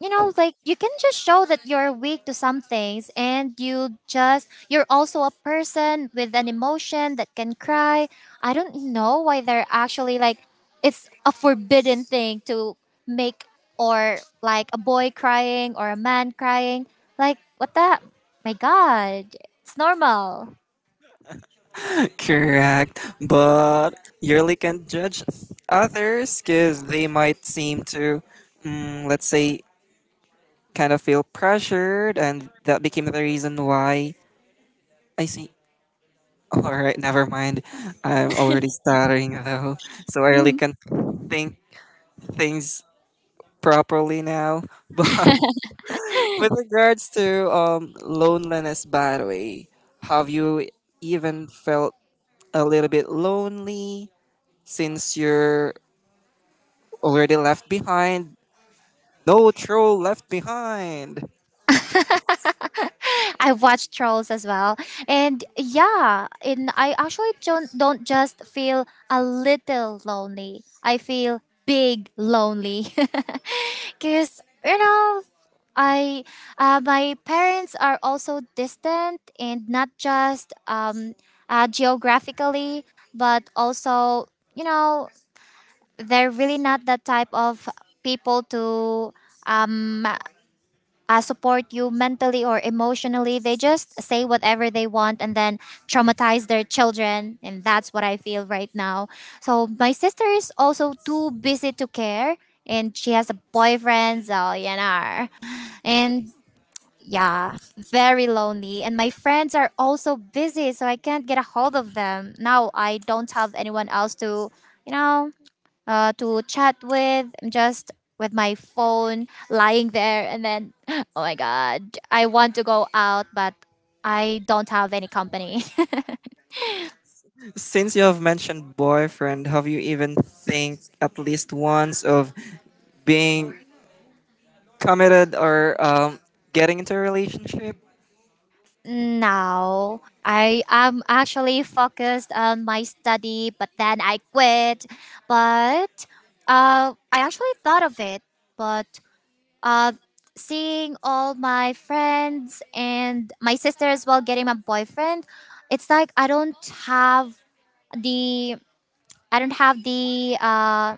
[SPEAKER 2] you know, like, you can just show that you're weak to some things, and you're also a person with an emotion that can cry. I don't know why they're actually like it's a forbidden thing to make, or like a boy crying or a man crying, like, what the, my God, it's normal.
[SPEAKER 1] Correct. But you really can't judge others because they might seem to let's say kind of feel pressured, and that became the reason why I see. All right, never mind. I'm already stuttering though, so I really can't think things properly now. But with regards to loneliness, by the way, have you even felt a little bit lonely since you're already left behind? No troll left behind.
[SPEAKER 2] I've watched Trolls as well. And yeah, and I actually don't just feel a little lonely. I feel big lonely. Cuz you know, I my parents are also distant, and not just geographically, but also, you know, they're really not the type of people to um, support you mentally or emotionally. They just say whatever they want and then traumatize their children. And that's what I feel right now. So my sister is also too busy to care. And she has a boyfriend, so you know. And yeah, very lonely. And my friends are also busy, so I can't get a hold of them. Now I don't have anyone else to, you know, to chat with. I'm just with my phone lying there. And then, oh my God, I want to go out, but I don't have any company.
[SPEAKER 1] Since you have mentioned boyfriend, have you even think at least once of being committed, or getting into a relationship?
[SPEAKER 2] Now I am actually focused on my study, but then I quit. But I actually thought of it, but uh, seeing all my friends and my sister as well getting my boyfriend, it's like I don't have the, I don't have the,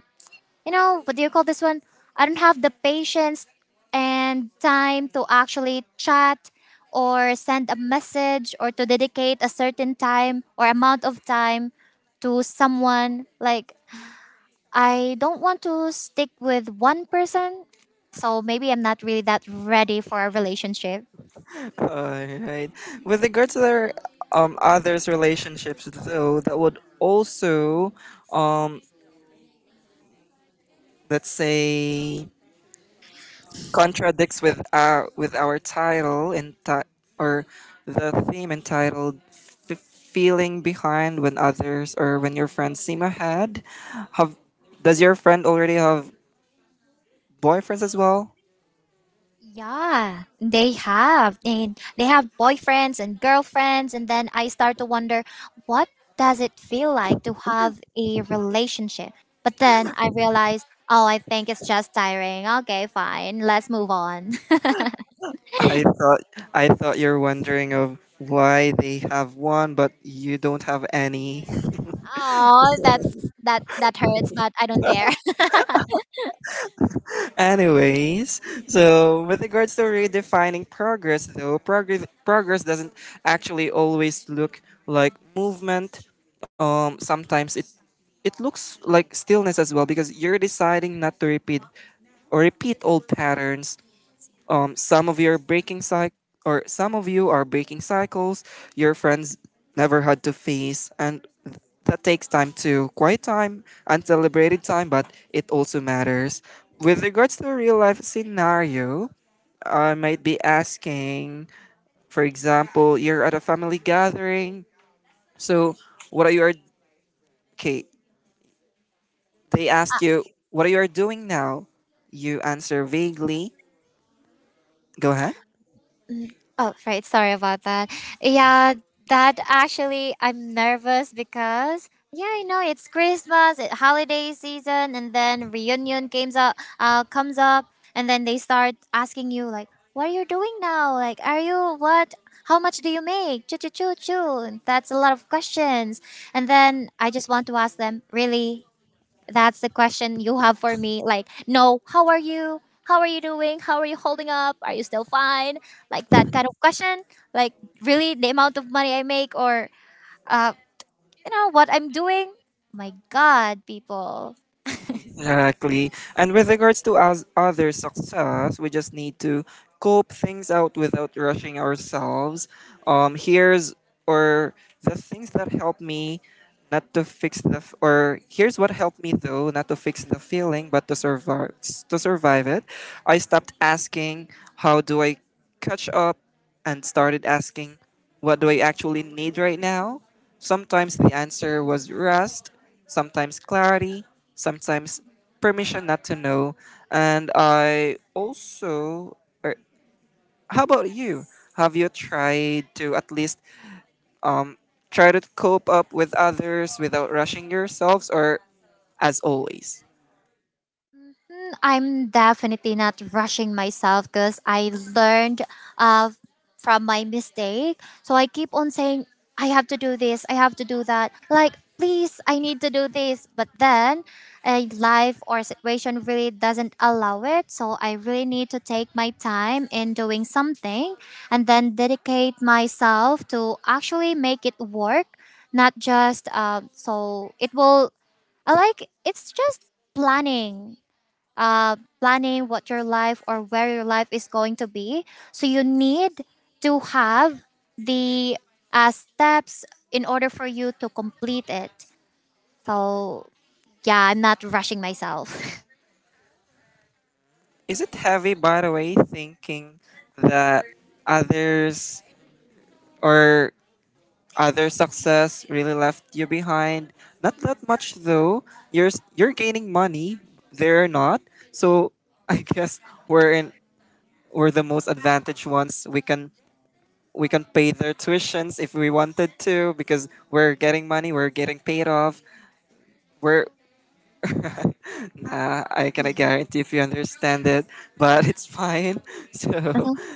[SPEAKER 2] you know, what do you call this one, I don't have the patience and time to actually chat or send a message or to dedicate a certain time or amount of time to someone. Like, I don't want to stick with one person. So maybe I'm not really that ready for a relationship.
[SPEAKER 1] Alright. With regards to their others' relationships, though, that would also, um, let's say, contradicts with our title and ti- or the theme entitled "Feeling Behind When Others or When Your Friends Seem Ahead." Have does your friend already have boyfriends as well?
[SPEAKER 2] Yeah, they have. And they have boyfriends and girlfriends. And then I start to wonder, what does it feel like to have a relationship? But then I realized, oh, I think it's just tiring. Okay, fine. Let's move on.
[SPEAKER 1] I thought I thought you're wondering of why they have one but you don't have any.
[SPEAKER 2] Oh, that's that hurts, but I don't care.
[SPEAKER 1] Anyways, so with regards to redefining progress, though, progress doesn't actually always look like movement. Sometimes it looks like stillness as well because you're deciding not to repeat or repeat old patterns, some of your breaking cycle, or some of you are breaking cycles your friends never had to face, and that takes time to quiet time and celebrated time, but it also matters. With regards to a real life scenario, I might be asking, for example, you're at a family gathering, so what are you are okay they ask you, what are you are doing now? You answer vaguely. Go ahead.
[SPEAKER 2] Oh, right. Sorry about that. Yeah, that actually, I'm nervous because, yeah, you know, it's Christmas, it, holiday season, and then reunion games up, comes up, and then they start asking you, like, what are you doing now? Like, are you what? How much do you make? Choo choo choo choo. That's a lot of questions. And then I just want to ask them, really, that's the question you have for me. Like, no, how are you? How are you doing? How are you holding up? Are you still fine? Like that kind of question. Like, really, the amount of money I make, or, uh, you know, what I'm doing? My God, people.
[SPEAKER 1] Exactly. And with regards to us other success, we just need to cope things out without rushing ourselves. Here's or the things that help me not to fix the f- or here's what helped me though, not to fix the feeling but to survive, to survive it. I stopped asking, how do I catch up? And started asking, what do I actually need right now? Sometimes the answer was rest, sometimes clarity, sometimes permission not to know. And I also, or how about you? Have you tried to at least um, try to cope up with others without rushing yourselves, or as always?
[SPEAKER 2] Mm, I'm definitely not rushing myself because I learned uh, from my mistake. So I keep on saying, I have to do this, I have to do that. Like, please, I need to do this. But then a life or situation really doesn't allow it. So I really need to take my time in doing something and then dedicate myself to actually make it work, not just so it will, I like it's just planning, planning what your life or where your life is going to be. So you need to have the, steps in order for you to complete it. So yeah, I'm not rushing myself.
[SPEAKER 1] Is it heavy, by the way, thinking that others or other success really left you behind? Not that much though. You're gaining money. They're not. So I guess we're in we're the most advantaged ones. We can pay their tuitions if we wanted to because we're getting money. We're getting paid off. We're nah. I cannot guarantee if you understand it, but it's fine. So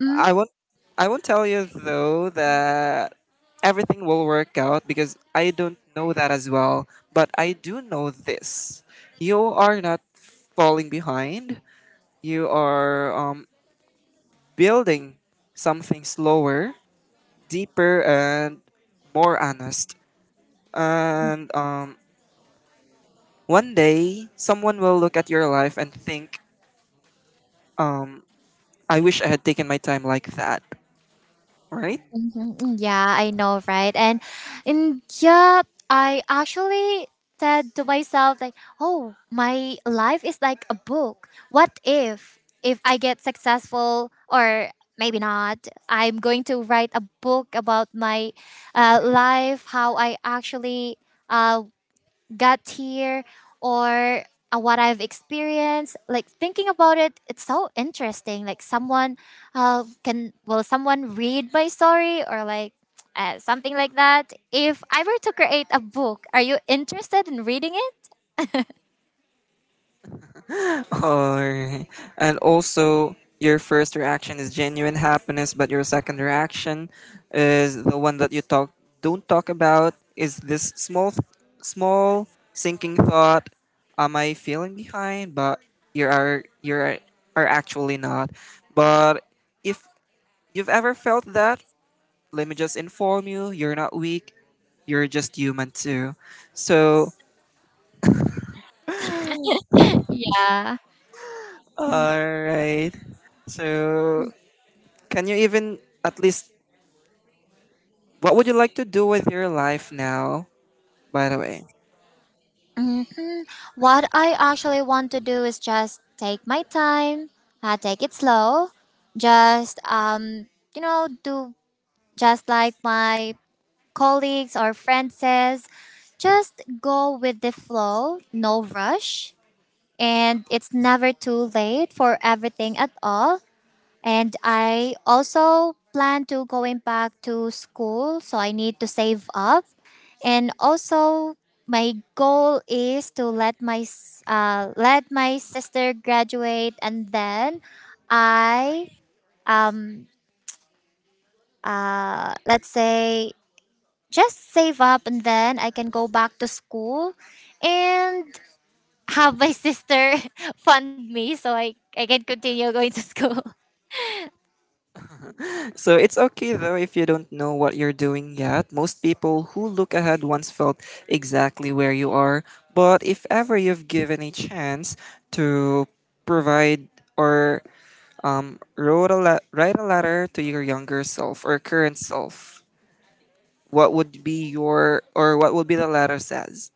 [SPEAKER 2] Mhm.
[SPEAKER 1] I won't I won't tell you though that everything will work out because I don't know that as well. But I do know this. You are not falling behind. You are building something slower, deeper and more honest. And one day someone will look at your life and think, um, I wish I had taken my time like that. Right?
[SPEAKER 2] Mhm. Yeah, I know, right? And yeah, I actually said to myself like, "Oh, my life is like a book. What if I get successful or maybe not, I'm going to write a book about my, life, how I actually uh, got here, or what I've experienced. Like thinking about it, it's so interesting. Like someone can, will someone read my story, or like something like that. If I were to create a book, are you interested in reading it?
[SPEAKER 1] Alright. And also, your first reaction is genuine happiness, but your second reaction is the one that you talk don't talk about. Is this small, small sinking thought? Am I feeling behind? But you are you are, are actually not. But if you've ever felt that, let me just inform you, you're not weak. You're just human too. So,
[SPEAKER 2] Yeah.
[SPEAKER 1] alright. So can you even at least what would you like to do with your life now? By the way.
[SPEAKER 2] What I actually want to do is just take my time, take it slow, just you know, do just like my colleagues or friends says, just go with the flow, no rush. And it's never too late for everything at all. And I also plan to going back to school, so I need to save up. And also, my goal is to let my s- let my sister graduate, and then I um let's say just save up and then I can go back to school, and have my sister fund me so I can continue going to school.
[SPEAKER 1] So it's okay though if you don't know what you're doing yet. Most people who look ahead once felt exactly where you are. But if ever you've given a chance to provide or write a letter to your younger self or current self, what would be your or what would be the letter says?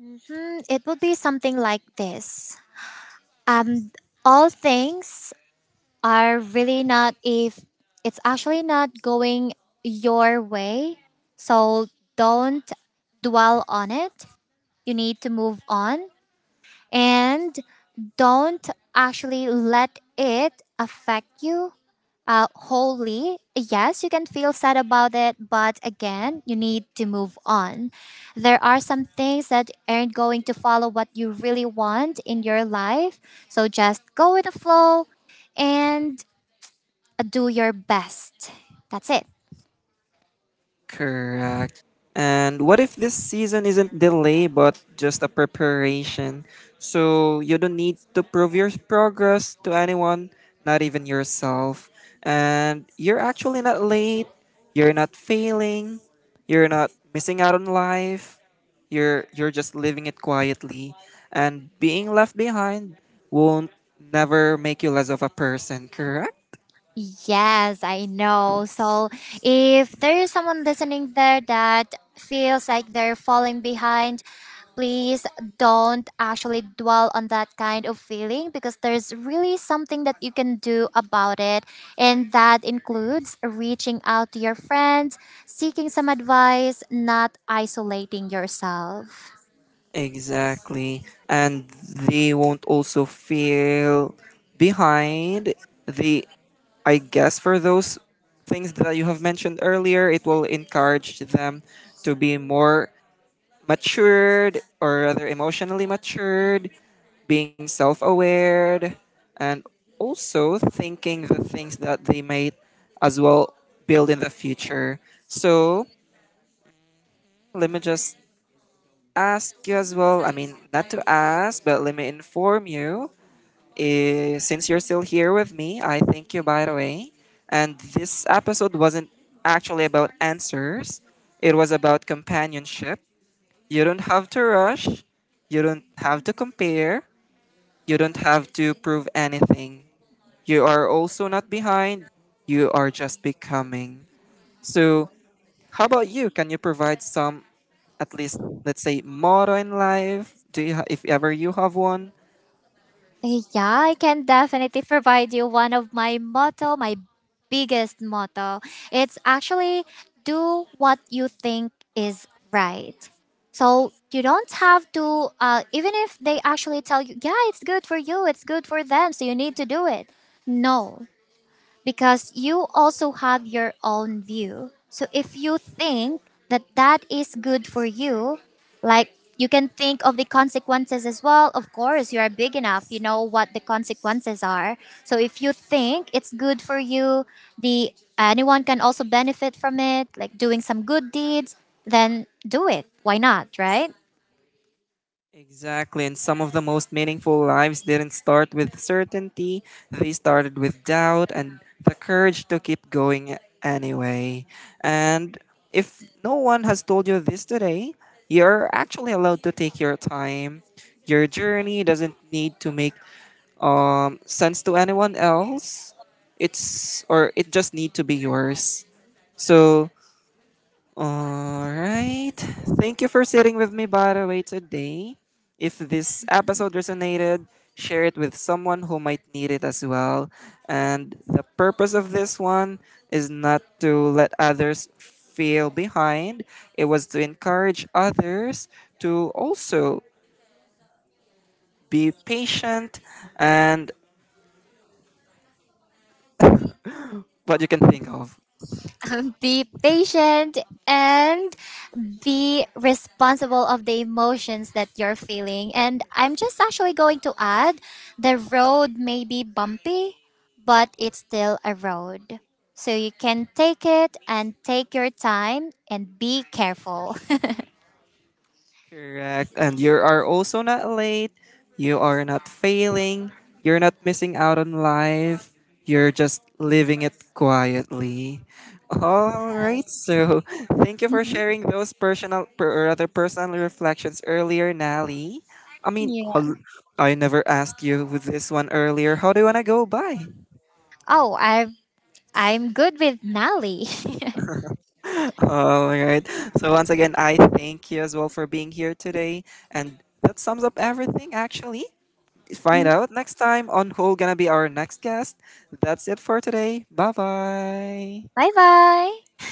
[SPEAKER 2] Hmm. It would be something like this. Um, all things are really not if it's actually not going your way. So don't dwell on it. You need to move on, and don't actually let it affect you. Uh, Wholly, yes, you can feel sad about it, but again, you need to move on. There are some things that aren't going to follow what you really want in your life, so just go with the flow and do your best. That's it.
[SPEAKER 1] Correct. And what if this season isn't delay but just a preparation? So you don't need to prove your progress to anyone, not even yourself. And you're actually not late. You're not failing. You're not missing out on life. You're just living it quietly. And being left behind won't never make you less of a person, correct?
[SPEAKER 2] Yes, I know. So if there is someone listening there that feels like they're falling behind, please don't actually dwell on that kind of feeling because there's really something that you can do about it. And that includes reaching out to your friends, seeking some advice, not isolating yourself.
[SPEAKER 1] Exactly. And they won't also feel behind. They, I guess, for those things that you have mentioned earlier, it will encourage them to be more matured or rather emotionally matured, being self aware, and also thinking the things that they might as well build in the future. So, let me just ask you as well. I mean, not to ask, but let me inform you. Since you're still here with me, I thank you, by the way. And this episode wasn't actually about answers, it was about companionship. You don't have to rush, you don't have to compare, you don't have to prove anything. You are also not behind, you are just becoming. So, how about you? Can you provide some, at least, let's say, motto in life? Do you, if ever you have one?
[SPEAKER 2] Yeah, I can definitely provide you one of my motto, my biggest motto. It's actually do what you think is right. So you don't have to, even if they actually tell you, yeah, it's good for you, it's good for them, so you need to do it. No, because you also have your own view. So if you think that is good for you, like you can think of the consequences as well. Of course, you are big enough, you know what the consequences are. So if you think it's good for you, the anyone can also benefit from it, like doing some good deeds, then do it. Why not, right?
[SPEAKER 1] Exactly, and some of the most meaningful lives didn't start with certainty, they started with doubt and the courage to keep going anyway. And if no one has told you this today, you're actually allowed to take your time. Your journey doesn't need to make sense to anyone else. It's or it just need to be yours. So, all right. Thank you for sitting with me by the way today. If this episode resonated, share it with someone who might need it as well. And the purpose of this one is not to let others feel behind. It was to encourage others to also be patient and what you can think of.
[SPEAKER 2] Be patient and be responsible of the emotions that you're feeling, and I'm just actually going to add, the road may be bumpy but it's still a road, so you can take it and take your time and be careful.
[SPEAKER 1] Correct. And you are also not late. You are not failing. You're not missing out on life. You're just living it quietly. All
[SPEAKER 2] Yes.
[SPEAKER 1] right. So, thank you for
[SPEAKER 2] Mhm.
[SPEAKER 1] sharing those or rather personal reflections earlier, Nally. I mean,
[SPEAKER 2] Yeah.
[SPEAKER 1] I never asked you with this one earlier. How do you want to go by?
[SPEAKER 2] Oh, I'm good with Nali.
[SPEAKER 1] All right. So once again, I thank you as well for being here today. And that sums up everything, actually. Find out next time on who gonna be our next guest. That's it for today. Bye bye.
[SPEAKER 2] Bye bye.